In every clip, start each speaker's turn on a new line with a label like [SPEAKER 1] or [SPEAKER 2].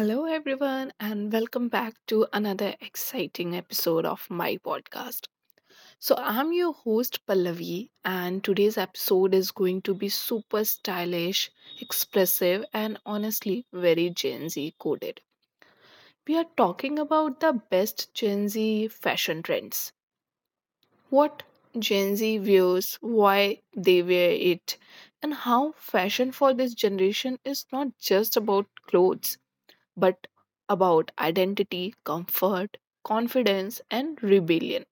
[SPEAKER 1] Hello, everyone, and welcome back to another exciting episode of my podcast. So, I'm your host Pallavi, and today's episode is going to be super stylish, expressive, and honestly very Gen Z coded. We are talking about the best Gen Z fashion trends. What Gen Z wears, why they wear it, and how fashion for this generation is not just about clothes but about identity, comfort, confidence, and rebellion.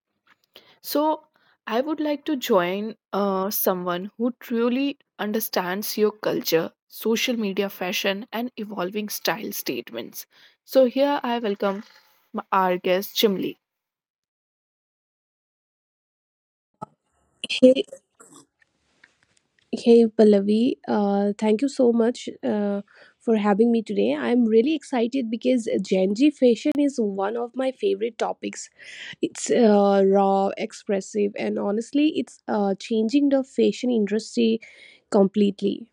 [SPEAKER 1] So, I would like to join someone who truly understands your culture, social media fashion, and evolving style statements. So, here I welcome our guest, Chimli.
[SPEAKER 2] Hey, thank you so much for having me today. I'm really excited because Gen Z fashion is one of my favorite topics. It's raw, expressive, and honestly, it's changing the fashion industry completely.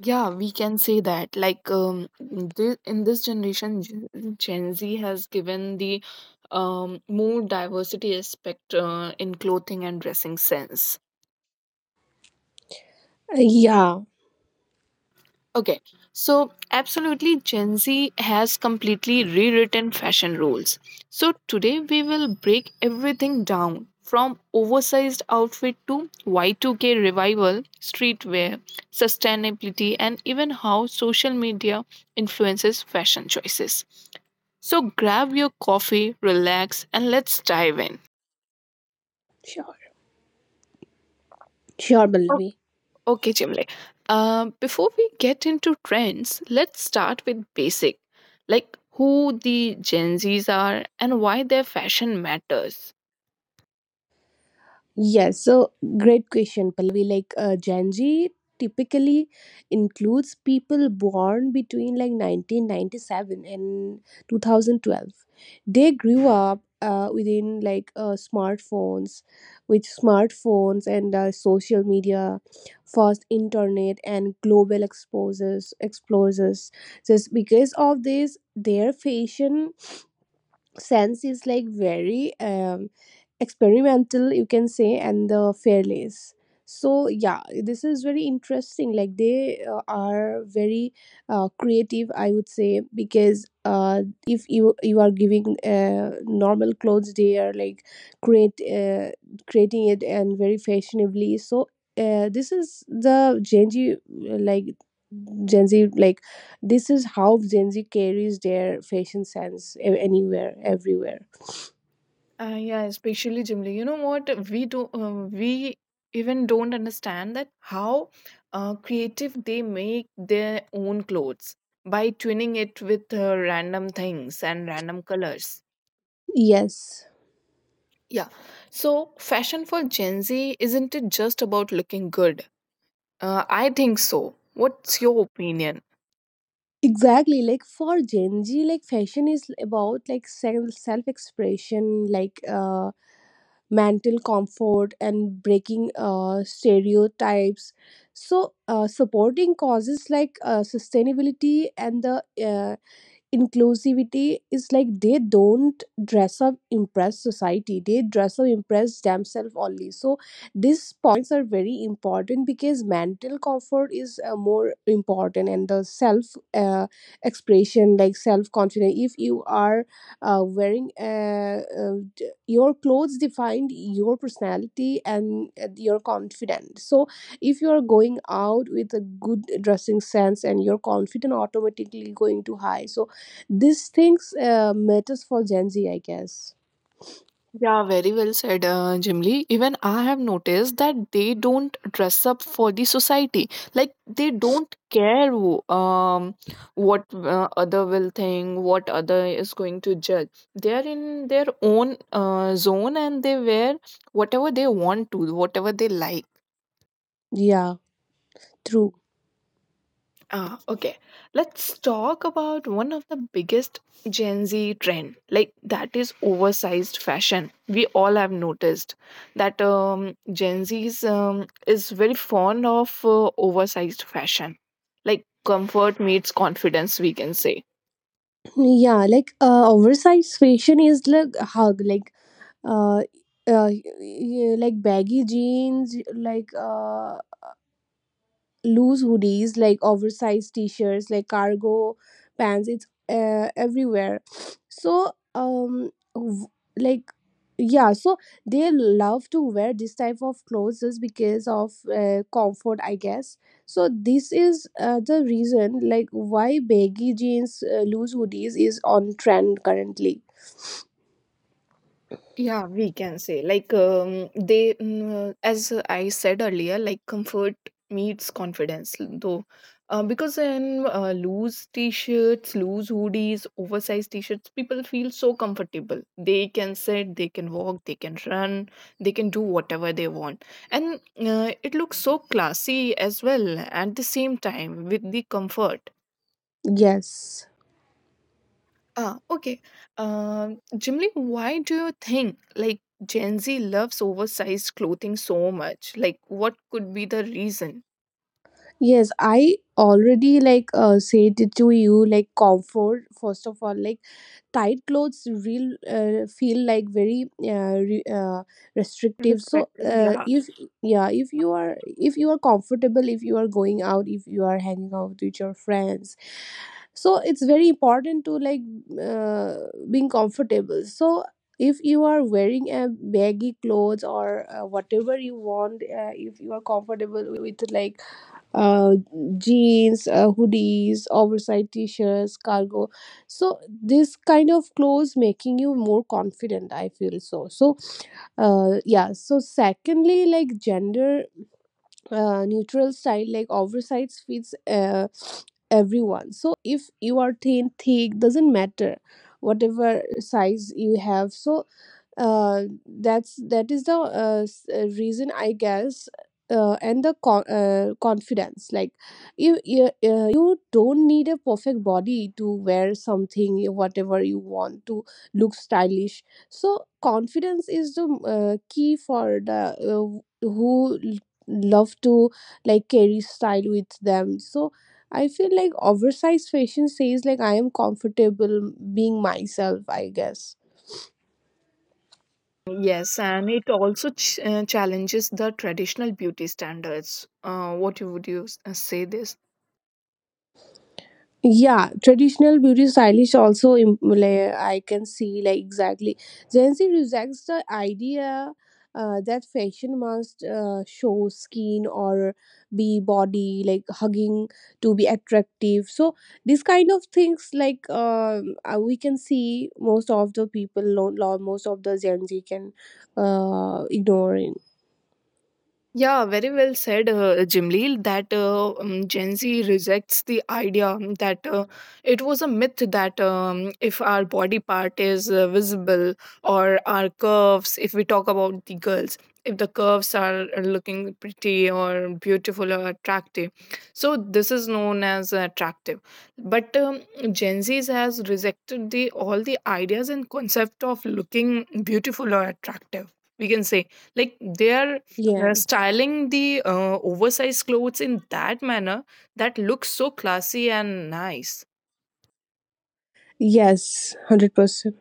[SPEAKER 1] Yeah, we can say that. Like in this generation, Gen Z has given the more diversity aspect in clothing and dressing sense.
[SPEAKER 2] Uh, yeah,
[SPEAKER 1] Okay, so absolutely, Gen Z has completely rewritten fashion rules. So today we will break everything down from oversized outfit to Y2K revival, streetwear, sustainability, and even how social media influences fashion choices. So grab your coffee, relax, and let's dive in.
[SPEAKER 2] sure, sure, Pallavi.
[SPEAKER 1] Okay, Jimle. Before we get into trends, let's start with basic, like who the Gen Zs are and why their fashion matters.
[SPEAKER 2] Yes, so great question, Pallavi. Like Gen Z typically includes people born between 1997 and 2012. They grew up with smartphones and social media, fast internet and global exposures, explorers. Just because of this, their fashion sense is like very experimental you can say and the fairlace. So yeah, this is very interesting. Like they are very creative I would say, because if you are giving normal clothes, they are like create creating it and very fashionably. So this is the gen z uh, like Gen Z. Like this is how Gen Z carries their fashion sense anywhere, everywhere.
[SPEAKER 1] Yeah, especially Jimli. You know what? We do. We even don't understand that how creative they make their own clothes by tuning it with random things and random colors.
[SPEAKER 2] Yes,
[SPEAKER 1] Yeah. So, fashion for Gen Z isn't it just about looking good? I think so. What's your opinion?
[SPEAKER 2] exactly. Like for Gen Z, like fashion is about like self expression, like mental comfort and breaking stereotypes. So, supporting causes like sustainability and the inclusivity. Is like they don't dress up impress society, they dress up impress themselves only. So these points are very important, because mental comfort is more important, and the self uh, expression, like self confidence. If you are your clothes defined your personality and your confidence. So if you are going out with a good dressing sense, and your confidence automatically going to high. So these things matters for Gen Z, I guess.
[SPEAKER 1] Yeah, very well said, Jimli. Even I have noticed that they don't dress up for the society. Like they don't care what other will think, what other is going to judge. They are in their own zone and they wear whatever they want to, whatever they like.
[SPEAKER 2] Yeah, true.
[SPEAKER 1] Ah, okay. Let's talk about one of the biggest Gen Z trend, like that is oversized fashion. We all have noticed that Gen Z's is very fond of oversized fashion, like comfort meets confidence, we can say.
[SPEAKER 2] Yeah, like oversized fashion is like hug, like uh, like baggy jeans, like loose hoodies, like oversized t-shirts, like cargo pants. It's everywhere. So like yeah, so they love to wear this type of clothes just because of comfort, I guess. So this is the reason like why baggy jeans, loose hoodies is on trend currently.
[SPEAKER 1] Yeah, we can say like as I said earlier, like comfort meets confidence. Though, because in loose t-shirts, loose hoodies, oversized t-shirts, people feel so comfortable. They can sit, they can walk, they can run, they can do whatever they want, and it looks so classy as well. At the same time, with the comfort.
[SPEAKER 2] Yes.
[SPEAKER 1] Ah, okay. Jimly, why do you think like Gen Z loves oversized clothing so much? Like, what could be the reason?
[SPEAKER 2] Yes, I already like said it to you, like comfort first of all. Like tight clothes real feel like very restrictive. So
[SPEAKER 1] Perspective,
[SPEAKER 2] uh,
[SPEAKER 1] yeah.
[SPEAKER 2] if yeah if you are, if you are comfortable, if you are going out, if you are hanging out with your friends, so it's very important to like uh, being comfortable. So if you are wearing a baggy clothes or whatever you want, if you are comfortable with like uh, jeans, hoodies, oversized t-shirts, cargo. So this kind of clothes making you more confident. I feel so. So yeah. So secondly, like gender neutral style, like oversized fits everyone. So if you are thin, thick, doesn't matter whatever size you have. So that is the reason, I guess. And the confidence, like you don't need a perfect body to wear something whatever you want to look stylish. So confidence is the key for the who love to like carry style with them. So I feel like oversized fashion says, like, I am comfortable being myself, I guess.
[SPEAKER 1] Yes, and it also challenges the traditional beauty standards. What you would you say this?
[SPEAKER 2] Yeah, traditional beauty stylish also like, I can see like, exactly. Gen Z rejects the idea that fashion must show skin or be body like hugging to be attractive. So this kind of things, like we can see most of the people, most of the Gen Z can ignore it.
[SPEAKER 1] Yeah, very well said, Jimleel, that Gen Z rejects the idea that it was a myth that if our body part is visible or our curves, if we talk about the girls, if the curves are looking pretty or beautiful or attractive. So, this is known as attractive. But Gen Z has rejected the all the ideas and concept of looking beautiful or attractive. We can say like they are
[SPEAKER 2] Yeah.
[SPEAKER 1] styling the oversized clothes in that manner that looks so classy and nice.
[SPEAKER 2] Yes, 100%.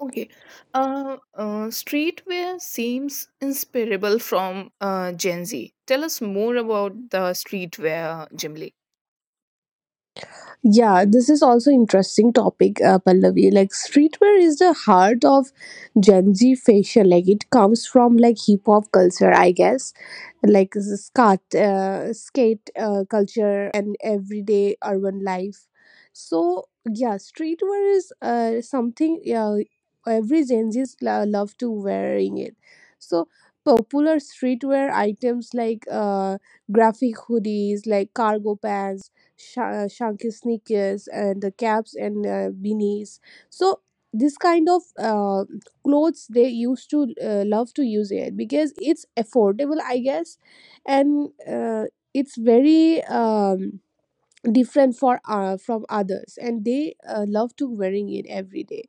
[SPEAKER 1] Okay, streetwear seems inspirable from Gen Z. Tell us more about the streetwear, Jimly.
[SPEAKER 2] Yeah, this is also interesting topic, Pallavi. Like streetwear is the heart of Gen Z fashion. Like it comes from like hip hop culture, I guess, like the skate culture and everyday urban life. So yeah, streetwear is something every Gen Zs love to wearing it. So popular streetwear items like graphic hoodies, like cargo pants, shanky sneakers and the caps and beanies. So this kind of clothes they used to love to use it, because it's affordable, I guess, and it's very different for from others, and they love to wearing it every day.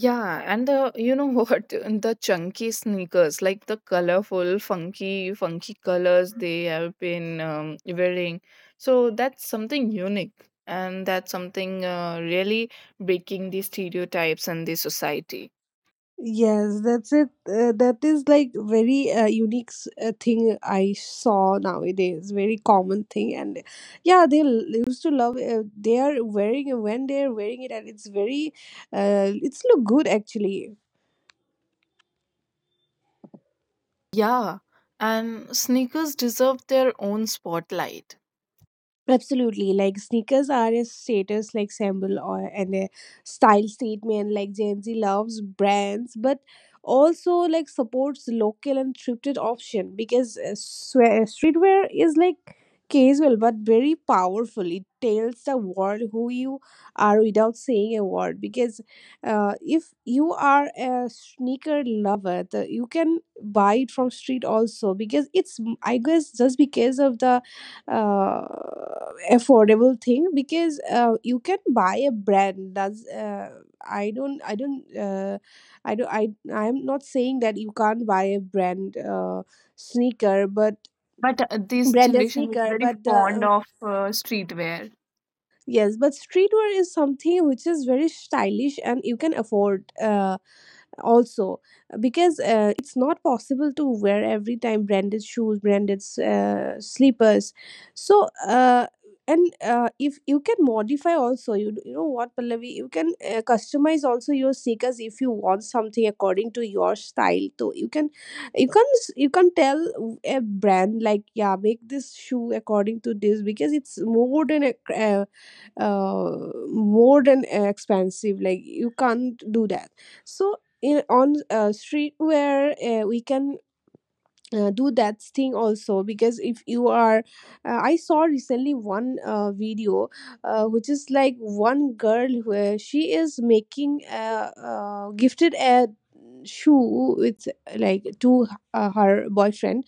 [SPEAKER 1] Yeah, and the, you know what, the chunky sneakers, like the colorful, funky, funky colors they have been wearing. So that's something unique, and that's something really breaking the stereotypes and the society.
[SPEAKER 2] Yes, that's it. That is like very unique thing I saw nowadays. Very common thing, and yeah, they used to love. They are wearing when they are wearing it, and it's very, it's look good actually.
[SPEAKER 1] Yeah, and sneakers deserve their own spotlight.
[SPEAKER 2] Absolutely, like sneakers are a status like symbol or and a style statement. Like Gen Z loves brands, but also like supports local and thrifted option, because streetwear is like casual but very powerful. It tells the world who you are without saying a word. Because if you are a sneaker lover, the, you can buy it from street also, because it's, I guess, just because of the uh, affordable thing, because you can buy a brand. That's I don't I don't I don't I I'm not saying that you can't buy a brand sneaker, but
[SPEAKER 1] But this
[SPEAKER 2] branded
[SPEAKER 1] generation is
[SPEAKER 2] sneaker.
[SPEAKER 1] very
[SPEAKER 2] But the
[SPEAKER 1] fond of streetwear.
[SPEAKER 2] yes, but streetwear is something which is very stylish and you can afford also, because it's not possible to wear every time branded shoes, branded slippers. So and if you can modify also, you know what, Pallavi, you can customize also your sneakers if you want something according to your style. So you can, you can, you can tell a brand, like, yeah, make this shoe according to this, because it's more than a uh, more than expensive, like you can't do that. So in on streetwear we can do that thing also. Because if you are I saw recently one video which is like, one girl where she is making a, gifted a shoe with like to her boyfriend,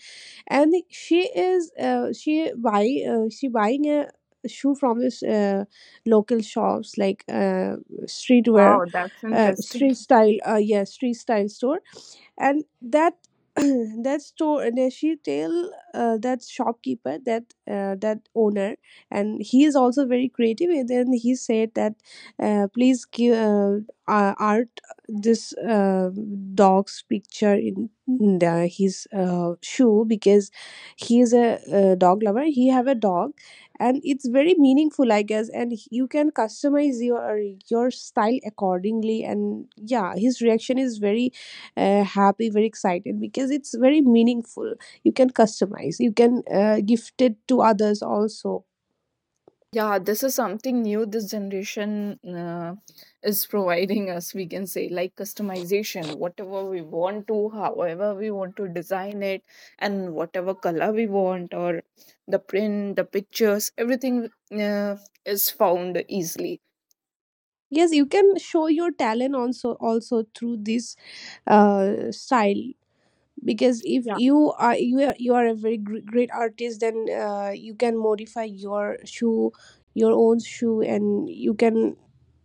[SPEAKER 2] and she is she buying a shoe from this local shops, like streetwear
[SPEAKER 1] Wow, that's interesting.
[SPEAKER 2] street style yeah, street style store. And that that store, and she tell that shopkeeper, that that owner, and he is also very creative, and then he said that please give art this dog's picture in the, his shoe, because he is a, dog lover, he have a dog. And it's very meaningful, I guess, and you can customize your style accordingly. And yeah, his reaction is very happy, very excited, because it's very meaningful. You can customize, you can gift it to others also.
[SPEAKER 1] Yeah, this is something new this generation is providing us, we can say, like customization, whatever we want to, however we want to design it, and whatever color we want, or the print, the pictures, everything uh, is found easily.
[SPEAKER 2] Yes, you can show your talent also, also through this style, because if
[SPEAKER 1] Yeah.
[SPEAKER 2] you are, you are, you are a very great artist, then you can modify your shoe, your own shoe, and you can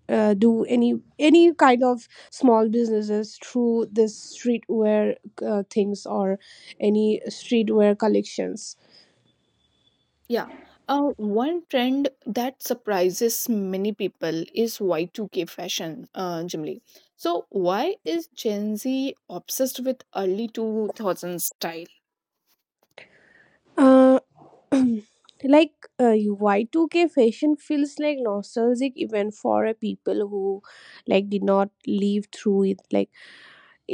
[SPEAKER 2] do any kind of small businesses through this streetwear things or any streetwear collections
[SPEAKER 1] Yeah. One trend that surprises many people is Y2K fashion, Jimly. So, why is Gen Z obsessed with early 2000s style?
[SPEAKER 2] uh, like y2k fashion feels like nostalgic even for a people who like did not live through it. Like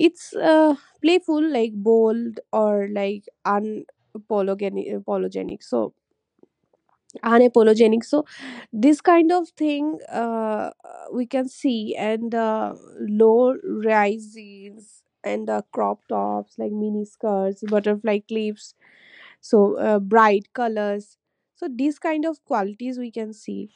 [SPEAKER 2] it's playful, like bold or like apologetic. So unapologetic. So this kind of thing we can see, and low rises and crop tops, like mini skirts, butterfly clips. So bright colors. So these kind of qualities we can see.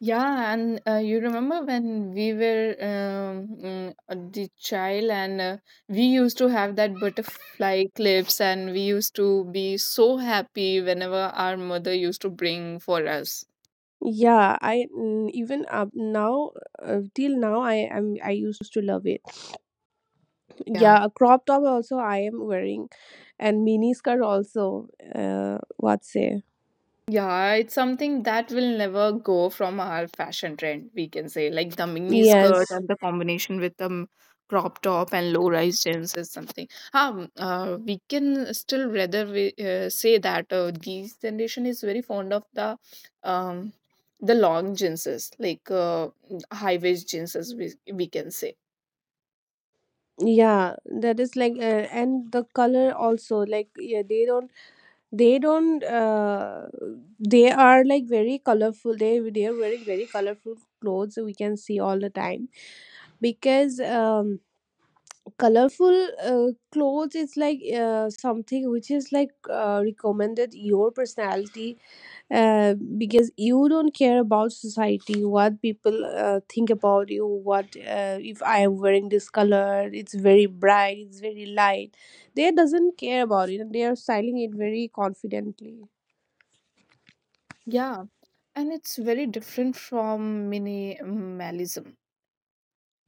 [SPEAKER 1] Yeah, and you remember when we were the child, and we used to have that butterfly clips, and we used to be so happy whenever our mother used to bring for us.
[SPEAKER 2] Yeah, I even up now till now I am, I used to love it.
[SPEAKER 1] Yeah.
[SPEAKER 2] Yeah, a crop top also I am wearing, and mini skirt also, what say?
[SPEAKER 1] Yeah, it's something that will never go from our fashion trend, we can say. Like the mini
[SPEAKER 2] Yes,
[SPEAKER 1] skirt and the combination with the crop top and low rise jeans is something. We can still, rather say that this generation is very fond of the um the long jeanses, like high waist jeanses, we can say.
[SPEAKER 2] yeah, that is like and the color also. Like yeah, they don't, they don't they are like very colorful, they are wearing very colorful clothes, we can see all the time. Because um, colorful clothes is like something which is like recommended your personality because you don't care about society, what people think about you, what, if I am wearing this color, it's very bright, it's very light, they doesn't care about it, and they are styling it very confidently.
[SPEAKER 1] Yeah, and it's very different from minimalism.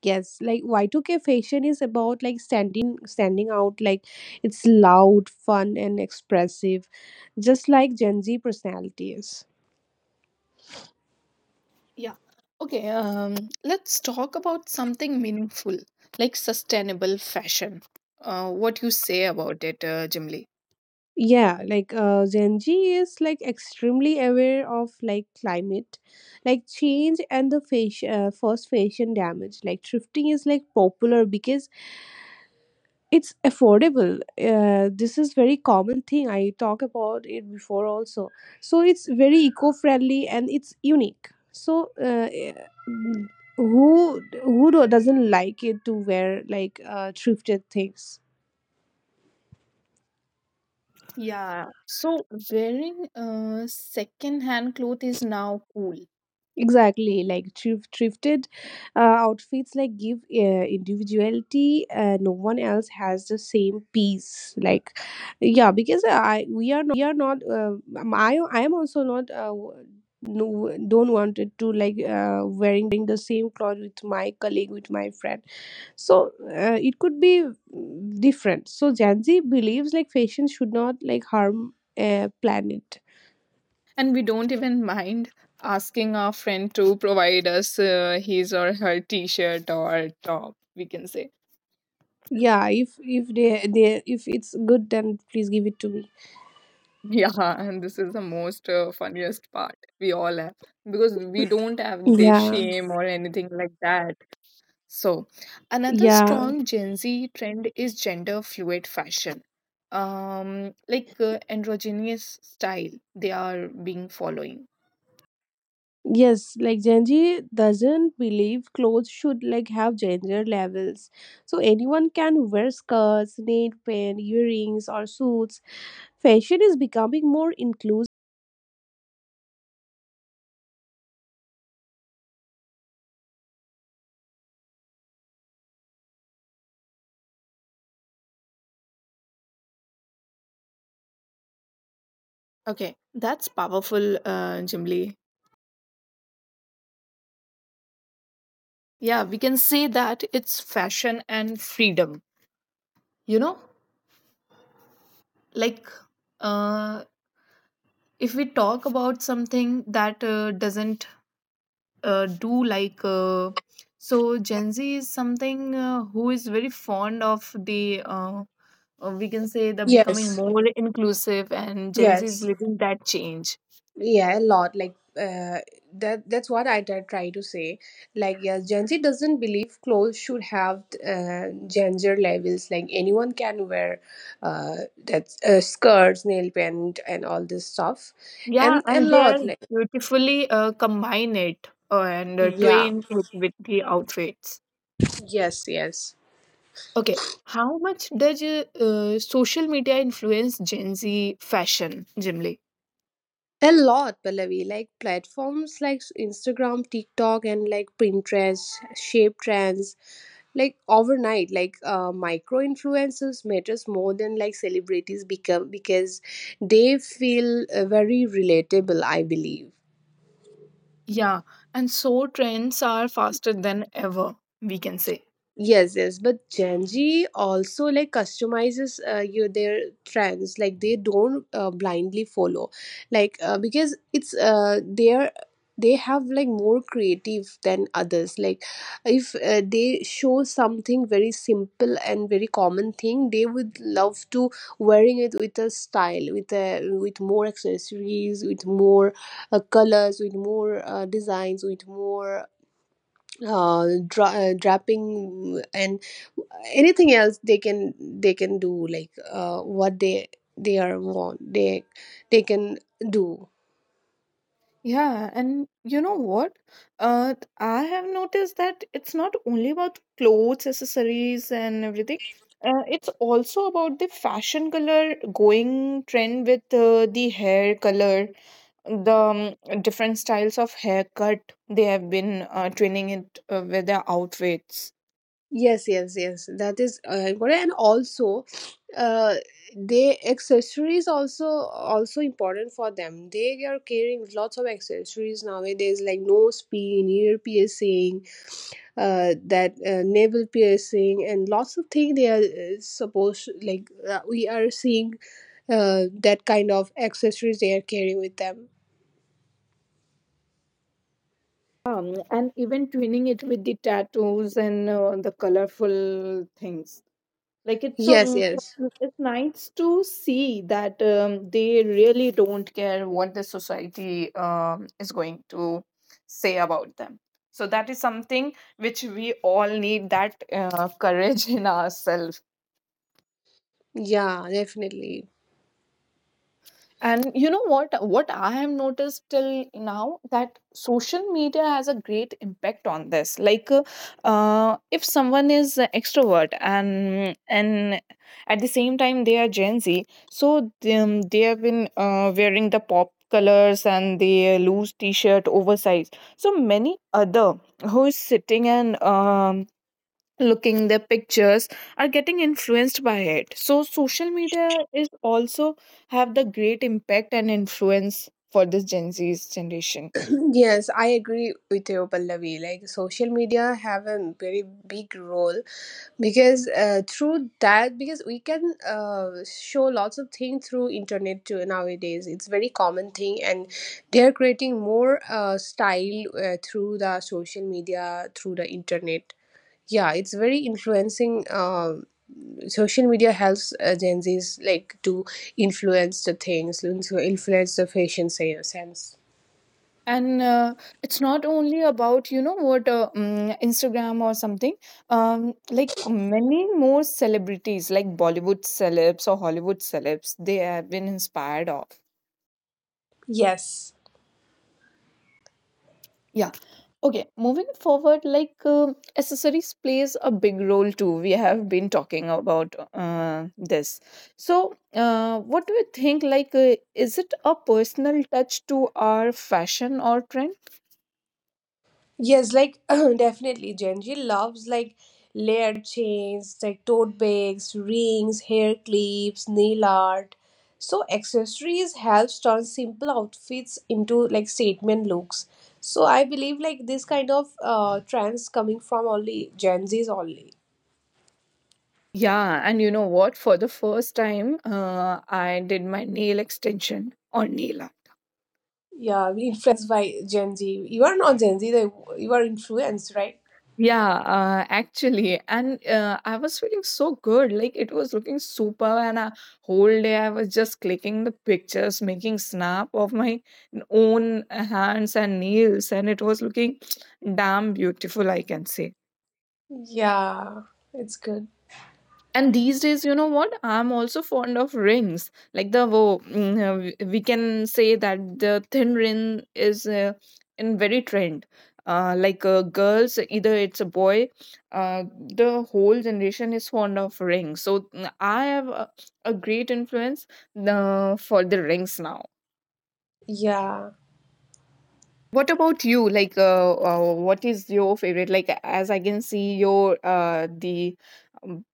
[SPEAKER 2] Yes, like y2k fashion is about like standing out. Like it's loud, fun and expressive, just like Gen Z personality is.
[SPEAKER 1] Yeah. Okay, let's talk about something meaningful, like sustainable fashion. What you say about it, Jimli?
[SPEAKER 2] Yeah, like Gen Z is like extremely aware of like climate like change and the fashion first fashion damage. Like thrifting is like popular because it's affordable. This is very common thing, I talk about it before also. So it's very eco-friendly and it's unique. So mm, who doesn't like it to wear like thrifted things?
[SPEAKER 1] Yeah. So wearing second-hand clothes is now cool,
[SPEAKER 2] Exactly, like thrifted outfits like give individuality. No one else has the same piece. Like, yeah, because I, we are not. I am also not. No, don't want it to like wearing the same clothes with my colleague, with my friend. So it could be different. So Gen Z believes like fashion should not like harm a planet.
[SPEAKER 1] and we don't even mind asking our friend to provide us his or her t-shirt or top. We can say.
[SPEAKER 2] Yeah, if they, they if it's good, then please give it to me.
[SPEAKER 1] Yeah, and this is the most funniest part we all have because we don't have this
[SPEAKER 2] Yeah,
[SPEAKER 1] shame or anything like that. So, another
[SPEAKER 2] yeah,
[SPEAKER 1] strong Gen Z trend is gender fluid fashion. Like androgynous style they are being following.
[SPEAKER 2] yes. Like Gen Z doesn't believe clothes should like have gender levels, so anyone can wear skirts, nail paint, earrings, or suits. Fashion is becoming more inclusive.
[SPEAKER 1] Okay, that's powerful, Jimli. Yeah, we can say that it's fashion and freedom. You know, like uh, if we talk about something that doesn't do, like so Gen Z is something who is very fond of the we can say the becoming
[SPEAKER 3] Yes,
[SPEAKER 1] more inclusive, and Gen Z is
[SPEAKER 3] yes,
[SPEAKER 1] living that change.
[SPEAKER 3] yeah, a lot. Like that. That's what I try to say. Like, yes, Gen Z doesn't believe clothes should have gender labels. Like anyone can wear that skirts, nail paint, and all this stuff,
[SPEAKER 1] Yeah,
[SPEAKER 3] and a
[SPEAKER 1] and they are
[SPEAKER 3] lot. Like,
[SPEAKER 1] beautifully combine it and
[SPEAKER 3] yeah,
[SPEAKER 1] twin it with the outfits.
[SPEAKER 3] yes, yes.
[SPEAKER 1] Okay, how much does social media influence Gen Z fashion generally?
[SPEAKER 3] A lot, Pallavi. Like platforms like Instagram, TikTok, and like Pinterest shape trends like overnight. Like micro influencers matters more than like celebrities become because they feel very relatable, I believe.
[SPEAKER 1] Yeah, and so trends are faster than ever, we can say.
[SPEAKER 3] Yes, yes, but Gen Z also like customizes your their trends. Like they don't blindly follow, like because it's they're they have like more creative than others. Like if they show something very simple and very common thing, they would love to wearing it with a style, with a with more accessories, with more colors, with more designs, with more draping and anything else they can do, like what they are want they can do.
[SPEAKER 1] Yeah, and you know what? I have noticed that it's not only about clothes, accessories, and everything. It's also about the fashion color going trend with the hair color, the different styles of haircut they have been twinning it with their outfits.
[SPEAKER 3] Yes, yes, yes, that is important. And also uh, they accessories also important for them. They are carrying lots of accessories nowadays, like nose pin, ear piercing, that navel piercing, and lots of things they are supposed. Like we are seeing that kind of accessories they are carrying with them.
[SPEAKER 1] And even twinning it with the tattoos and the colorful things. Like it's so
[SPEAKER 3] Yes, yes,
[SPEAKER 1] mm, it's nice to see that they really don't care what the society is going to say about them, so that is something which we all need, that courage in ourselves.
[SPEAKER 3] yeah, definitely.
[SPEAKER 1] And you know what? What I have noticed till now that social media has a great impact on this. Like, if someone is a extrovert, and at the same time they are Gen Z, so them they have been wearing the pop colors and the loose T-shirt, oversized. So many other who is sitting and looking their pictures are getting influenced by it. So social media is also have the great impact and influence for this Gen Z's generation,
[SPEAKER 3] Yes, I agree with you, Pallavi. Like social media have a very big role, because through that, because we can show lots of things through internet too nowadays. It's very common thing, and they're creating more style through the social media, through the internet. Yeah, it's very influencing. Social media helps Gen Z's like to influence the things, influence the fashion sense.
[SPEAKER 1] and it's not only about, you know what, Instagram or something, like many more celebrities, like Bollywood celebs or Hollywood celebs, they have been inspired.
[SPEAKER 3] Yes,
[SPEAKER 1] Yeah. Okay, moving forward, like accessories plays a big role too. We have been talking about this. So, what do you think? Like, is it a personal touch to our fashion or trend?
[SPEAKER 3] yes, like definitely, Gen Z loves like layered chains, like tote bags, rings, hair clips, nail art. So accessories helps turn simple outfits into like statement looks. So I believe like this kind of trends coming from only Gen Z's only.
[SPEAKER 1] Yeah, and you know what? For the first time, I did my nail extension on nail art.
[SPEAKER 3] Yeah, we influenced by Gen Z. You are not Gen Z, like, you are influenced, right?
[SPEAKER 1] Yeah, actually, and I was feeling so good. Like it was looking super, and a whole day I was just clicking the pictures, making snap of my own hands and nails, and it was looking damn beautiful, I can say.
[SPEAKER 3] Yeah, it's good.
[SPEAKER 1] And these days, you know what? I'm also fond of rings. Like the wo- mm, w- we can say that the thin ring is in very trend. Like girls, either it's a boy, the whole generation is fond of rings. So I have a great influence for the rings now.
[SPEAKER 3] Yeah.
[SPEAKER 1] What about you? Like, what is your favorite? Like, as I can see, your the um,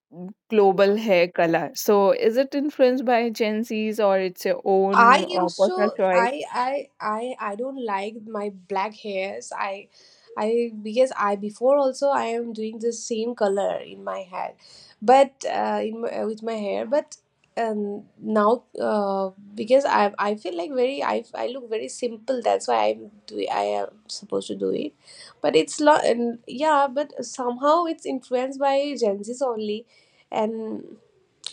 [SPEAKER 1] global hair color. So, is it influenced by Gen Z's or it's your own
[SPEAKER 3] I used
[SPEAKER 1] personal
[SPEAKER 3] to
[SPEAKER 1] choice?
[SPEAKER 3] I don't like my black hairs. I because I before also I am doing the same color in my hair, but with my hair. But now because I feel like very I look very simple. That's why I am supposed to do it, but it's lot. And yeah, but somehow it's influenced by Gen Z's only. And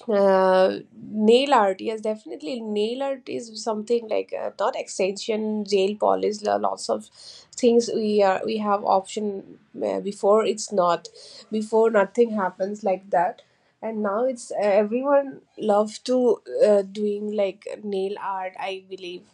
[SPEAKER 3] nail art, yes, definitely, nail art is something like not extension, gel polish, lots of things we are we have option. Before it's not, before nothing happens like that, and now it's everyone love to doing like nail art, I believe.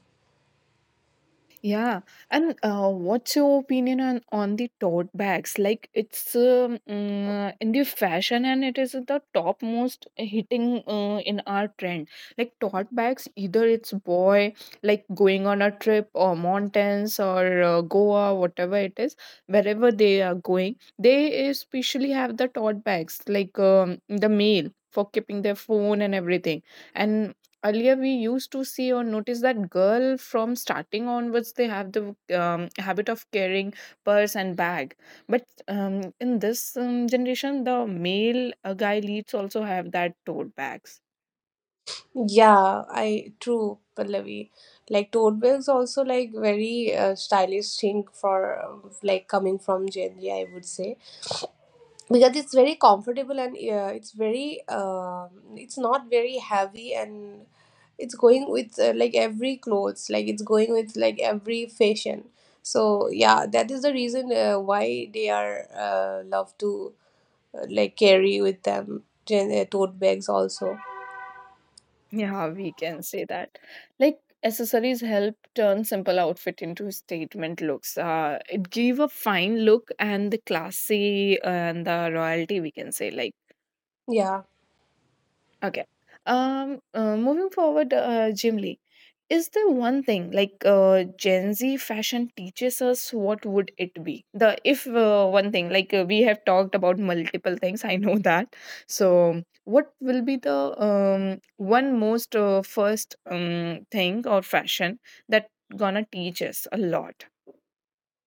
[SPEAKER 1] Yeah, and what's your opinion on the tote bags? Like it's in the fashion and it is the top most hitting in our trend. Like tote bags, either it's boy like going on a trip or mountains or Goa, whatever it is, wherever they are going, they especially have the tote bags, like the mail for keeping their phone and everything. And earlier we used to see or notice that girl from starting onwards they have the habit of carrying purse and bag, but in this generation the male guy leads also have that tote bags.
[SPEAKER 3] Yeah, I true, Pallavi. Like tote bags also like very stylish thing for like coming from Gen Z, I would say, because it's very comfortable and it's very it's not very heavy, and it's going with like every clothes, like it's going with like every fashion. So yeah, that is the reason why they are love to like carry with them tote bags also.
[SPEAKER 1] Yeah, we can say that, like, accessories help turn simple outfit into statement looks. It give a fine look and the classy, and the royalty, we can say, like.
[SPEAKER 3] Yeah.
[SPEAKER 1] Okay. Moving forward, Jim Lee, is there one thing like Gen Z fashion teaches us? What would it be? The if one thing, like, we have talked about multiple things. I know that. So, what will be the one most first thing or fashion that gonna teach us a lot?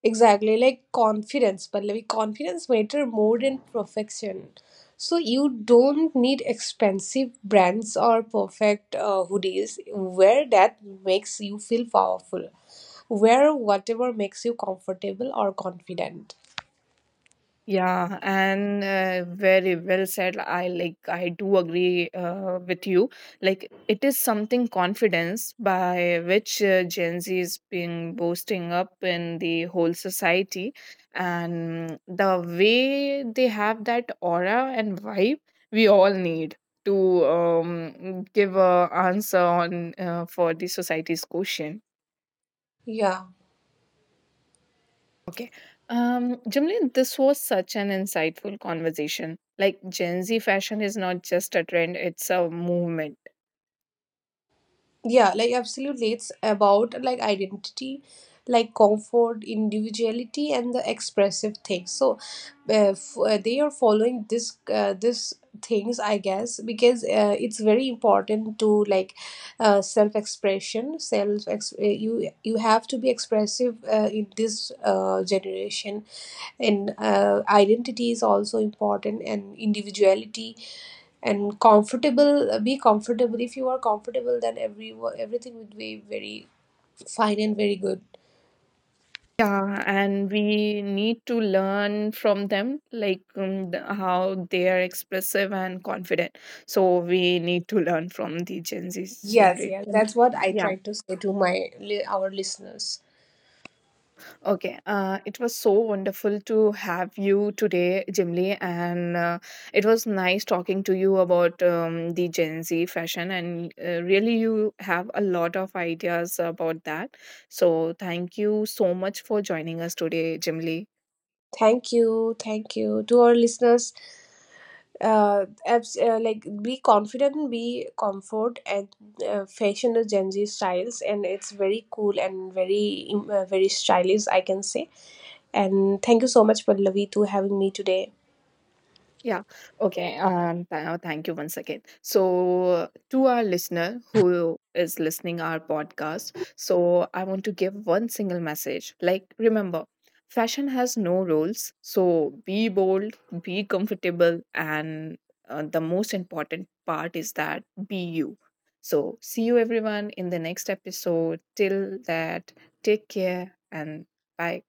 [SPEAKER 3] Exactly, like confidence, but like confidence matter more than perfection. So you don't need expensive brands or perfect hoodies. Wear that makes you feel powerful. Wear whatever makes you comfortable or confident.
[SPEAKER 1] Yeah, and very well said. I do agree with you. Like it is something confidence by which Gen Z is being boosting up in the whole society, and the way they have that aura and vibe, we all need to give a answer on for the society's question.
[SPEAKER 3] Yeah,
[SPEAKER 1] Okay. Jimli, this was such an insightful conversation. Like Gen Z fashion is not just a trend, it's a movement.
[SPEAKER 3] yeah, like absolutely. It's about like identity, like comfort, individuality, and the expressive things. So, they are following this this things, I guess, because it's very important to like self expression self ex you you have to be expressive in this generation. And identity is also important, and individuality and comfortable. Be comfortable. If you are comfortable, then everything would be very fine and very good.
[SPEAKER 1] Yeah, and we need to learn from them, like how they are expressive and confident. So we need to learn from the Gen Z
[SPEAKER 3] Yes, yes,
[SPEAKER 1] generation.
[SPEAKER 3] that's what I
[SPEAKER 1] Yeah.
[SPEAKER 3] try to say to my our listeners.
[SPEAKER 1] Okay, it was so wonderful to have you today, Jimly, and it was nice talking to you about the Gen Z fashion. And really, you have a lot of ideas about that. So, thank you so much for joining us today, Jimly.
[SPEAKER 3] Thank you, thank you to our listeners. Like be confident and be comfort, and fashion is Gen Z styles and it's very cool and very very stylish, I can say. And thank you so much, Pallavi, to having me today.
[SPEAKER 1] Yeah. Okay. Thank you once again. So, to our listener who is listening our podcast, so I want to give one single message. Like, remember, fashion has no rules. So be bold, be comfortable, and the most important part is that be you. So see you everyone in the next episode. Till that, take care and bye.